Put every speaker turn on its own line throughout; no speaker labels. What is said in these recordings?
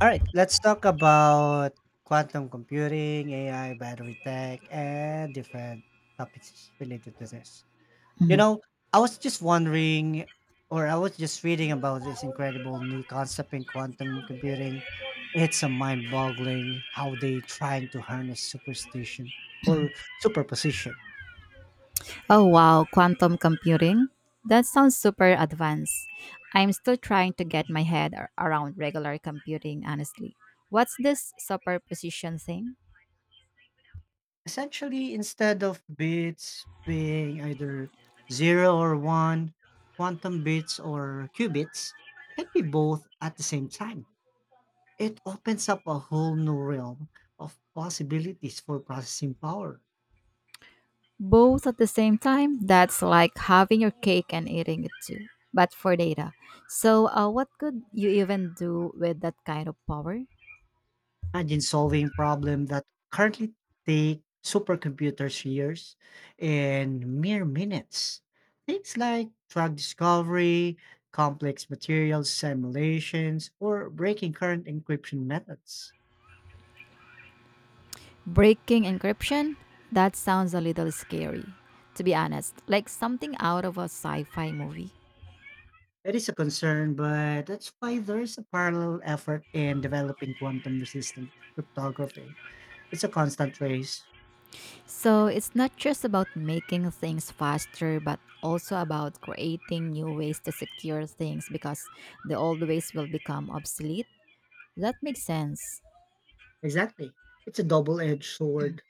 All right, let's talk about quantum computing, AI, battery tech, and different topics related to this. You know, I was just wondering, I was just reading about this incredible new concept in quantum computing. It's a mind boggling how they trying to harness superstition or superposition.
Oh wow, quantum computing? That sounds super advanced. I'm still trying to get my head around regular computing, honestly. What's this superposition thing?
Essentially, instead of bits being either 0 or 1, quantum bits or qubits can be both at the same time. It opens up a whole new realm of possibilities for processing power.
Both at the same time? That's like having your cake and eating it too, but for data. So, what could you even do with that kind of power?
Imagine solving problems that currently take supercomputers years in mere minutes. Things like drug discovery, complex materials simulations, or breaking current encryption methods.
Breaking encryption? That sounds a little scary, to be honest, like something out of a sci fi movie.
That is a concern, but that's why there is a parallel effort in developing quantum resistant cryptography. It's a constant race.
So it's not just about making things faster, but also about creating new ways to secure things because the old ways will become obsolete. That makes sense.
Exactly. It's a double edged sword,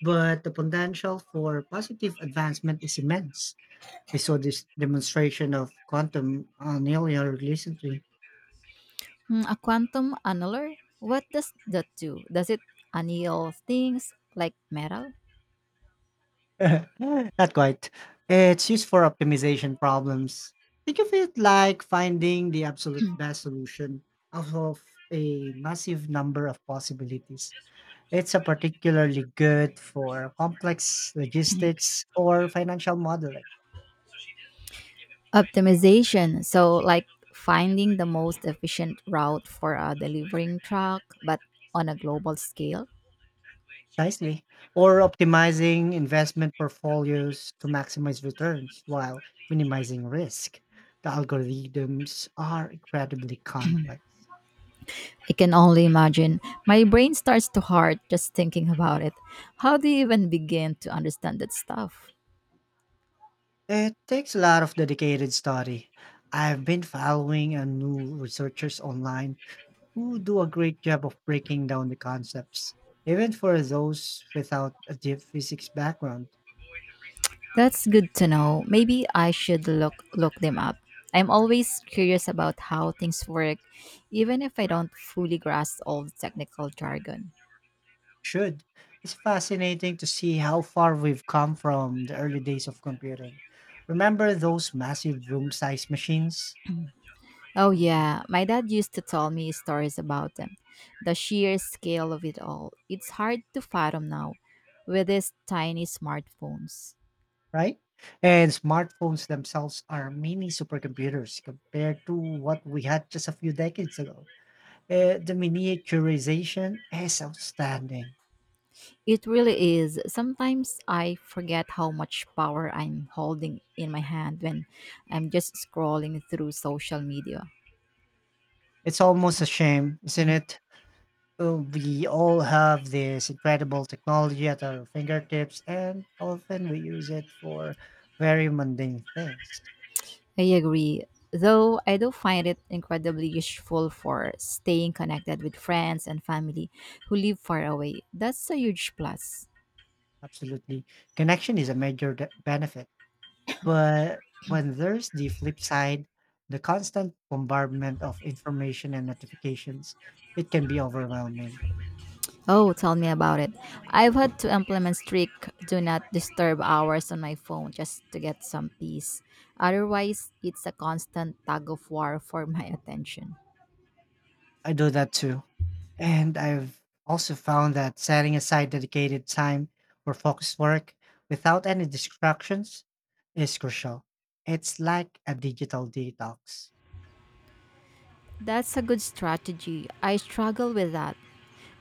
but the potential for positive advancement is immense. I saw this demonstration of quantum annealing recently.
Hmm, a quantum annuler? What does that do? Does it anneal things like metal?
Not quite. It's used for optimization problems. Think of it like finding the absolute best solution out of a massive number of possibilities. It's a particularly good for complex logistics or financial modeling.
Optimization. So, like finding the most efficient route for a delivering truck, but on a global scale.
Precisely. Or optimizing investment portfolios to maximize returns while minimizing risk. The algorithms are incredibly complex.
I can only imagine. My brain starts to hurt just thinking about it. How do you even begin to understand that stuff?
It takes a lot of dedicated study. I've been following a new researchers online who do a great job of breaking down the concepts, even for those without a deep physics background.
That's good to know. Maybe I should look them up. I'm always curious about how things work, even if I don't fully grasp all the technical jargon.
Should. It's fascinating to see how far we've come from the early days of computing. Remember those massive room sized machines,
Oh yeah, my dad used to tell me stories about them. The sheer scale of it all. It's hard to fathom now with these tiny smartphones.
right? And smartphones themselves are mini supercomputers compared to what we had just a few decades ago. The miniaturization is outstanding.
It really is. Sometimes I forget how much power I'm holding in my hand when I'm just scrolling through social media.
It's almost a shame, isn't it? We all have this incredible technology at our fingertips, and often we use it for very mundane things.
I agree. Though I do find it incredibly useful for staying connected with friends and family who live far away. That's a huge plus.
Absolutely. Connection is a major benefit. But when there's the flip side, the constant bombardment of information and notifications, it can be overwhelming.
Oh, tell me about it. I've had to implement strict do not disturb hours on my phone just to get some peace. Otherwise, it's a constant tug of war for my attention.
I do that too. And I've also found that setting aside dedicated time for focused work without any distractions is crucial. It's like a digital detox.
That's a good strategy. I struggle with that.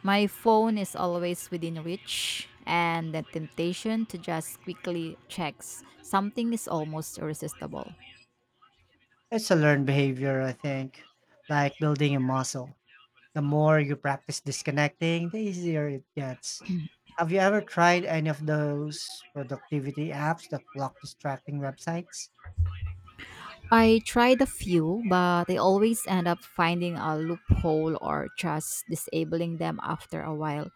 My phone is always within reach, and the temptation to just quickly check something is almost irresistible.
It's a learned behavior, I think, like building a muscle. The more you practice disconnecting, the easier it gets. Have you ever tried any of those productivity apps that block distracting websites?
I tried a few, but I always end up finding a loophole or just disabling them after a while.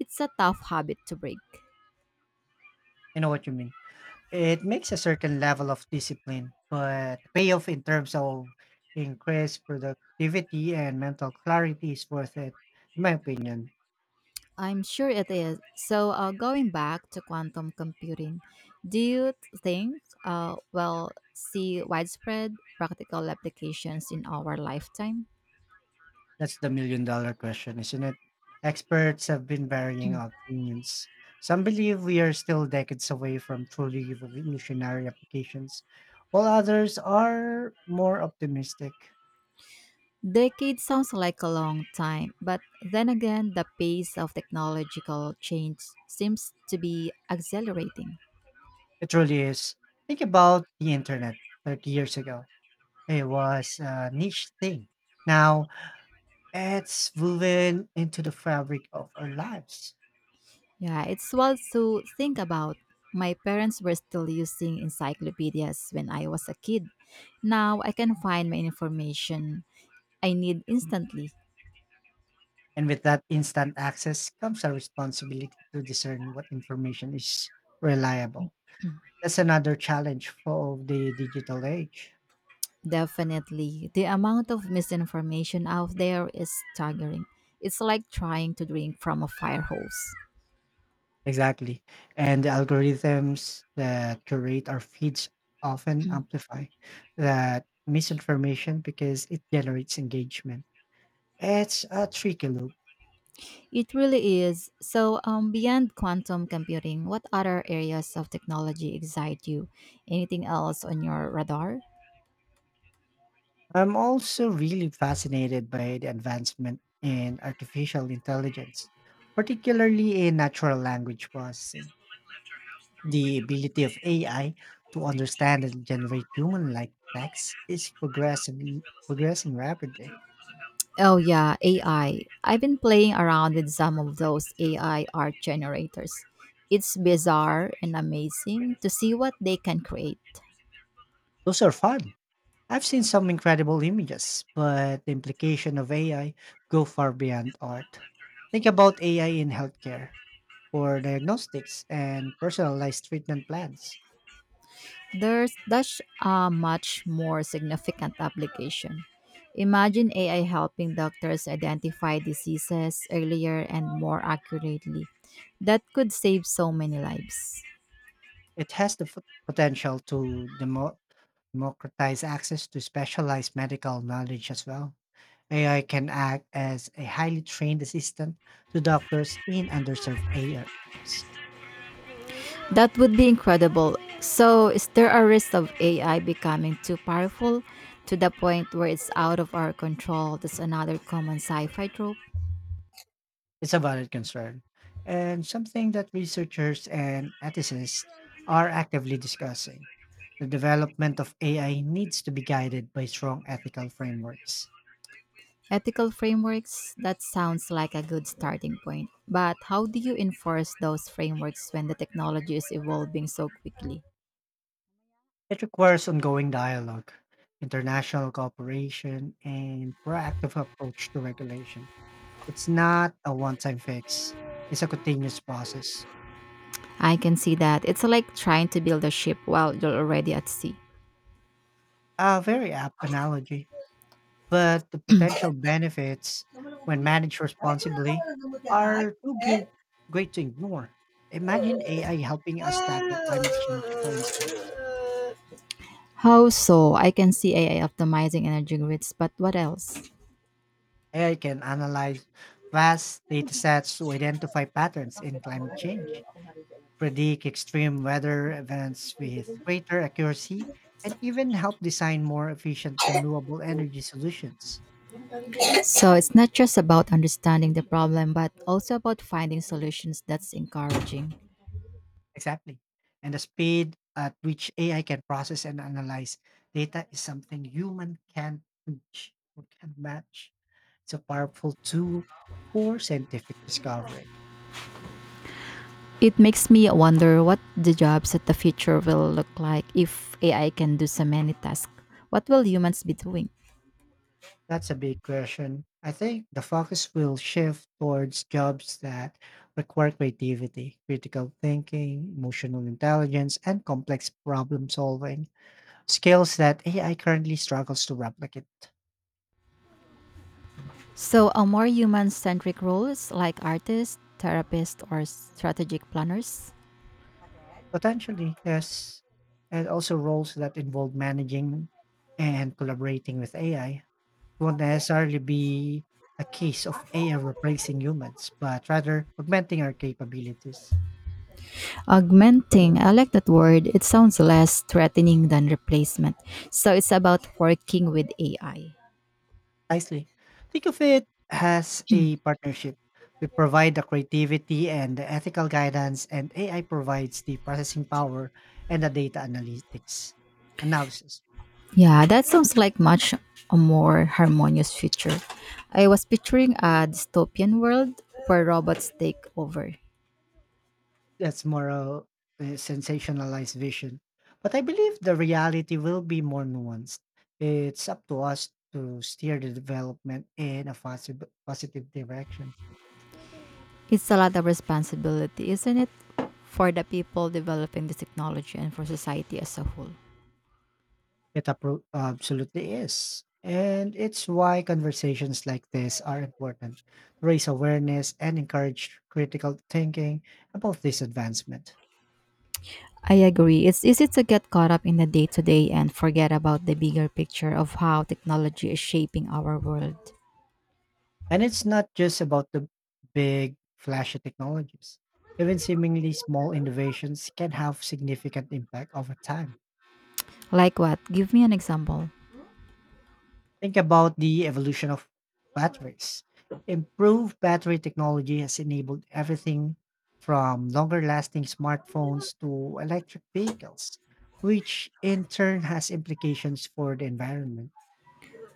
It's a tough habit to break.
I know what you mean. It makes a certain level of discipline, but the payoff in terms of increased productivity and mental clarity is worth it, in my opinion.
I'm sure it is. So, going back to quantum computing, do you think we'll see widespread practical applications in our lifetime?
That's the million dollar question, isn't it? Experts have been varying opinions. Some believe we are still decades away from truly revolutionary applications, while others are more optimistic.
Decade sounds like a long time, but then again, the pace of technological change seems to be accelerating.
It really is. Think about the internet 30 years ago. It was a niche thing. Now, it's woven into the fabric of our lives.
Yeah, it's wild to think about. My parents were still using encyclopedias when I was a kid. Now I can find my information I need instantly.
And with that instant access comes our responsibility to discern what information is reliable. That's another challenge for the digital age.
Definitely, the amount of misinformation out there is staggering. It's like trying to drink from a fire hose.
Exactly. And the algorithms that curate our feeds often amplify that misinformation because it generates engagement. It's a tricky loop.
It really is. So, beyond quantum computing, what other areas of technology excite you? Anything else on your radar?
I'm also really fascinated by the advancement in artificial intelligence, particularly in natural language processing. The ability of AI to understand and generate human-like text is progressively progressing rapidly.
Oh yeah, AI. I've been playing around with some of those AI art generators. It's bizarre and amazing to see what they can create.
Those are fun. I've seen some incredible images, but the implication of AI go far beyond art. Think about AI in healthcare for diagnostics and personalized treatment plans.
There's such a much more significant application. Imagine AI helping doctors identify diseases earlier and more accurately. That could save so many lives.
It has the potential to democratize access to specialized medical knowledge as well. AI can act as a highly trained assistant to doctors in underserved areas.
That would be incredible. So, is there a risk of AI becoming too powerful to the point where it's out of our control? That's another common sci fi trope.
It's a valid concern and something that researchers and ethicists are actively discussing. The development of AI needs to be guided by strong ethical frameworks.
Ethical frameworks, that sounds like a good starting point. But how do you enforce those frameworks when the technology is evolving so quickly?
It requires ongoing dialogue, international cooperation, and proactive approach to regulation. It's not a one time fix, it's a continuous process.
I can see that. It's like trying to build a ship while you're already at sea.
A very apt analogy, but the potential benefits when managed responsibly are great to ignore. Imagine AI helping us tackle climate change, for instance.
How so? I can see AI optimizing energy grids, but what else?
AI can analyze vast data sets to identify patterns in climate change predict extreme weather events with greater accuracy, and even help design more efficient renewable energy solutions.
So it's not just about understanding the problem, but also about finding solutions that's encouraging.
Exactly. And the speed at which AI can process and analyze data is something human can't reach or can't match. It's a powerful tool for scientific discovery.
It makes me wonder what the jobs of the future will look like if AI can do so many tasks. What will humans be doing?
That's a big question. I think the focus will shift towards jobs that require creativity, critical thinking, emotional intelligence, and complex problem solving, skills that AI currently struggles to replicate.
So, a more human centric roles like artists, therapists, or strategic planners?
Potentially, yes. And also roles that involve managing and collaborating with AI won't necessarily be a case of AI replacing humans, but rather augmenting our capabilities.
Augmenting, I like that word. It sounds less threatening than replacement. So it's about working with AI.
Precisely. Think of it as a partnership. We provide the creativity and the ethical guidance, and AI provides the processing power and the data analytics analysis.
Yeah, that sounds like much a more harmonious future. I was picturing a dystopian world where robots take over.
That's more a sensationalized vision. But I believe the reality will be more nuanced. It's up to us to steer the development in a positive direction.
It's a lot of responsibility, isn't it? For the people developing this technology and for society as a whole.
It absolutely is. And it's why conversations like this are important to raise awareness and encourage critical thinking about this advancement.
I agree. It's easy to get caught up in the day to day and forget about the bigger picture of how technology is shaping our world.
And it's not just about the big, flashy technologies. Even seemingly small innovations can have significant impact over time.
Like what? Give me an example.
Think about the evolution of batteries. Improved battery technology has enabled everything from longer lasting smartphones to electric vehicles, which in turn has implications for the environment.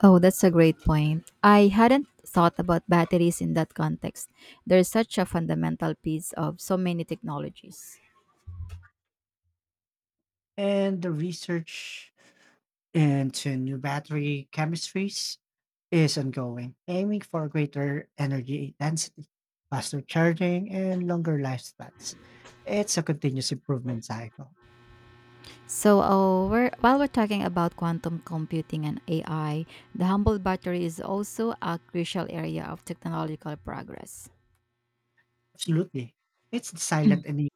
Oh, that's a great point. I hadn't thought about batteries in that context. They're such a fundamental piece of so many technologies.
And the research into new battery chemistries is ongoing, aiming for greater energy density, faster charging, and longer lifespans. It's a continuous improvement cycle.
While we're talking about quantum computing and AI, the humble battery is also a crucial area of technological progress.
Absolutely. It's the silent enabler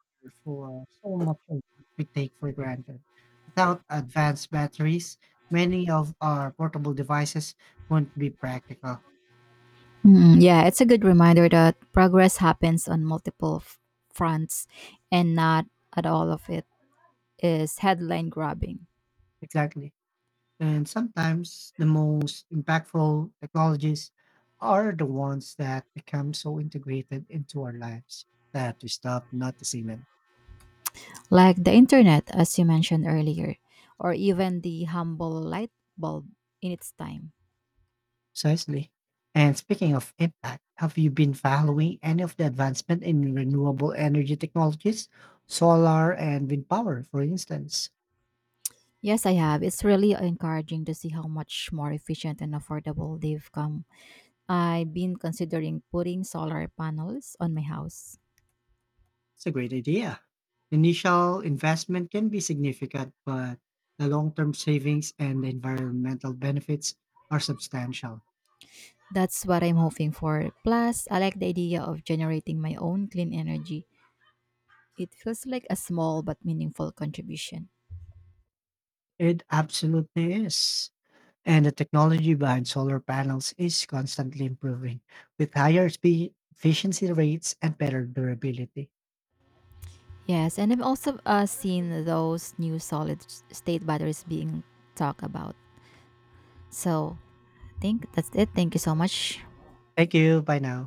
for so much of what we take for granted. Without advanced batteries, many of our portable devices won't be practical.
Mm, yeah, it's a good reminder that progress happens on multiple fronts and not at all of it is headline grabbing.
Exactly. And sometimes the most impactful technologies are the ones that become so integrated into our lives that we stop noticing them.
Like the internet, as you mentioned earlier, or even the humble light bulb in its time.
Precisely. And speaking of impact, have you been following any of the advancement in renewable energy technologies, solar and wind power, for instance?
Yes, I have. It's really encouraging to see how much more efficient and affordable they've come. I've been considering putting solar panels on my house.
It's a great idea. Initial investment can be significant, but the long term savings and the environmental benefits are substantial.
That's what I'm hoping for. Plus, I like the idea of generating my own clean energy. It feels like a small but meaningful contribution.
It absolutely is. And the technology behind solar panels is constantly improving with higher speed, efficiency rates, and better durability.
Yes, and I've also seen those new solid state batteries being talked about. So, think that's it. Thank you so much
Thank you. Bye now.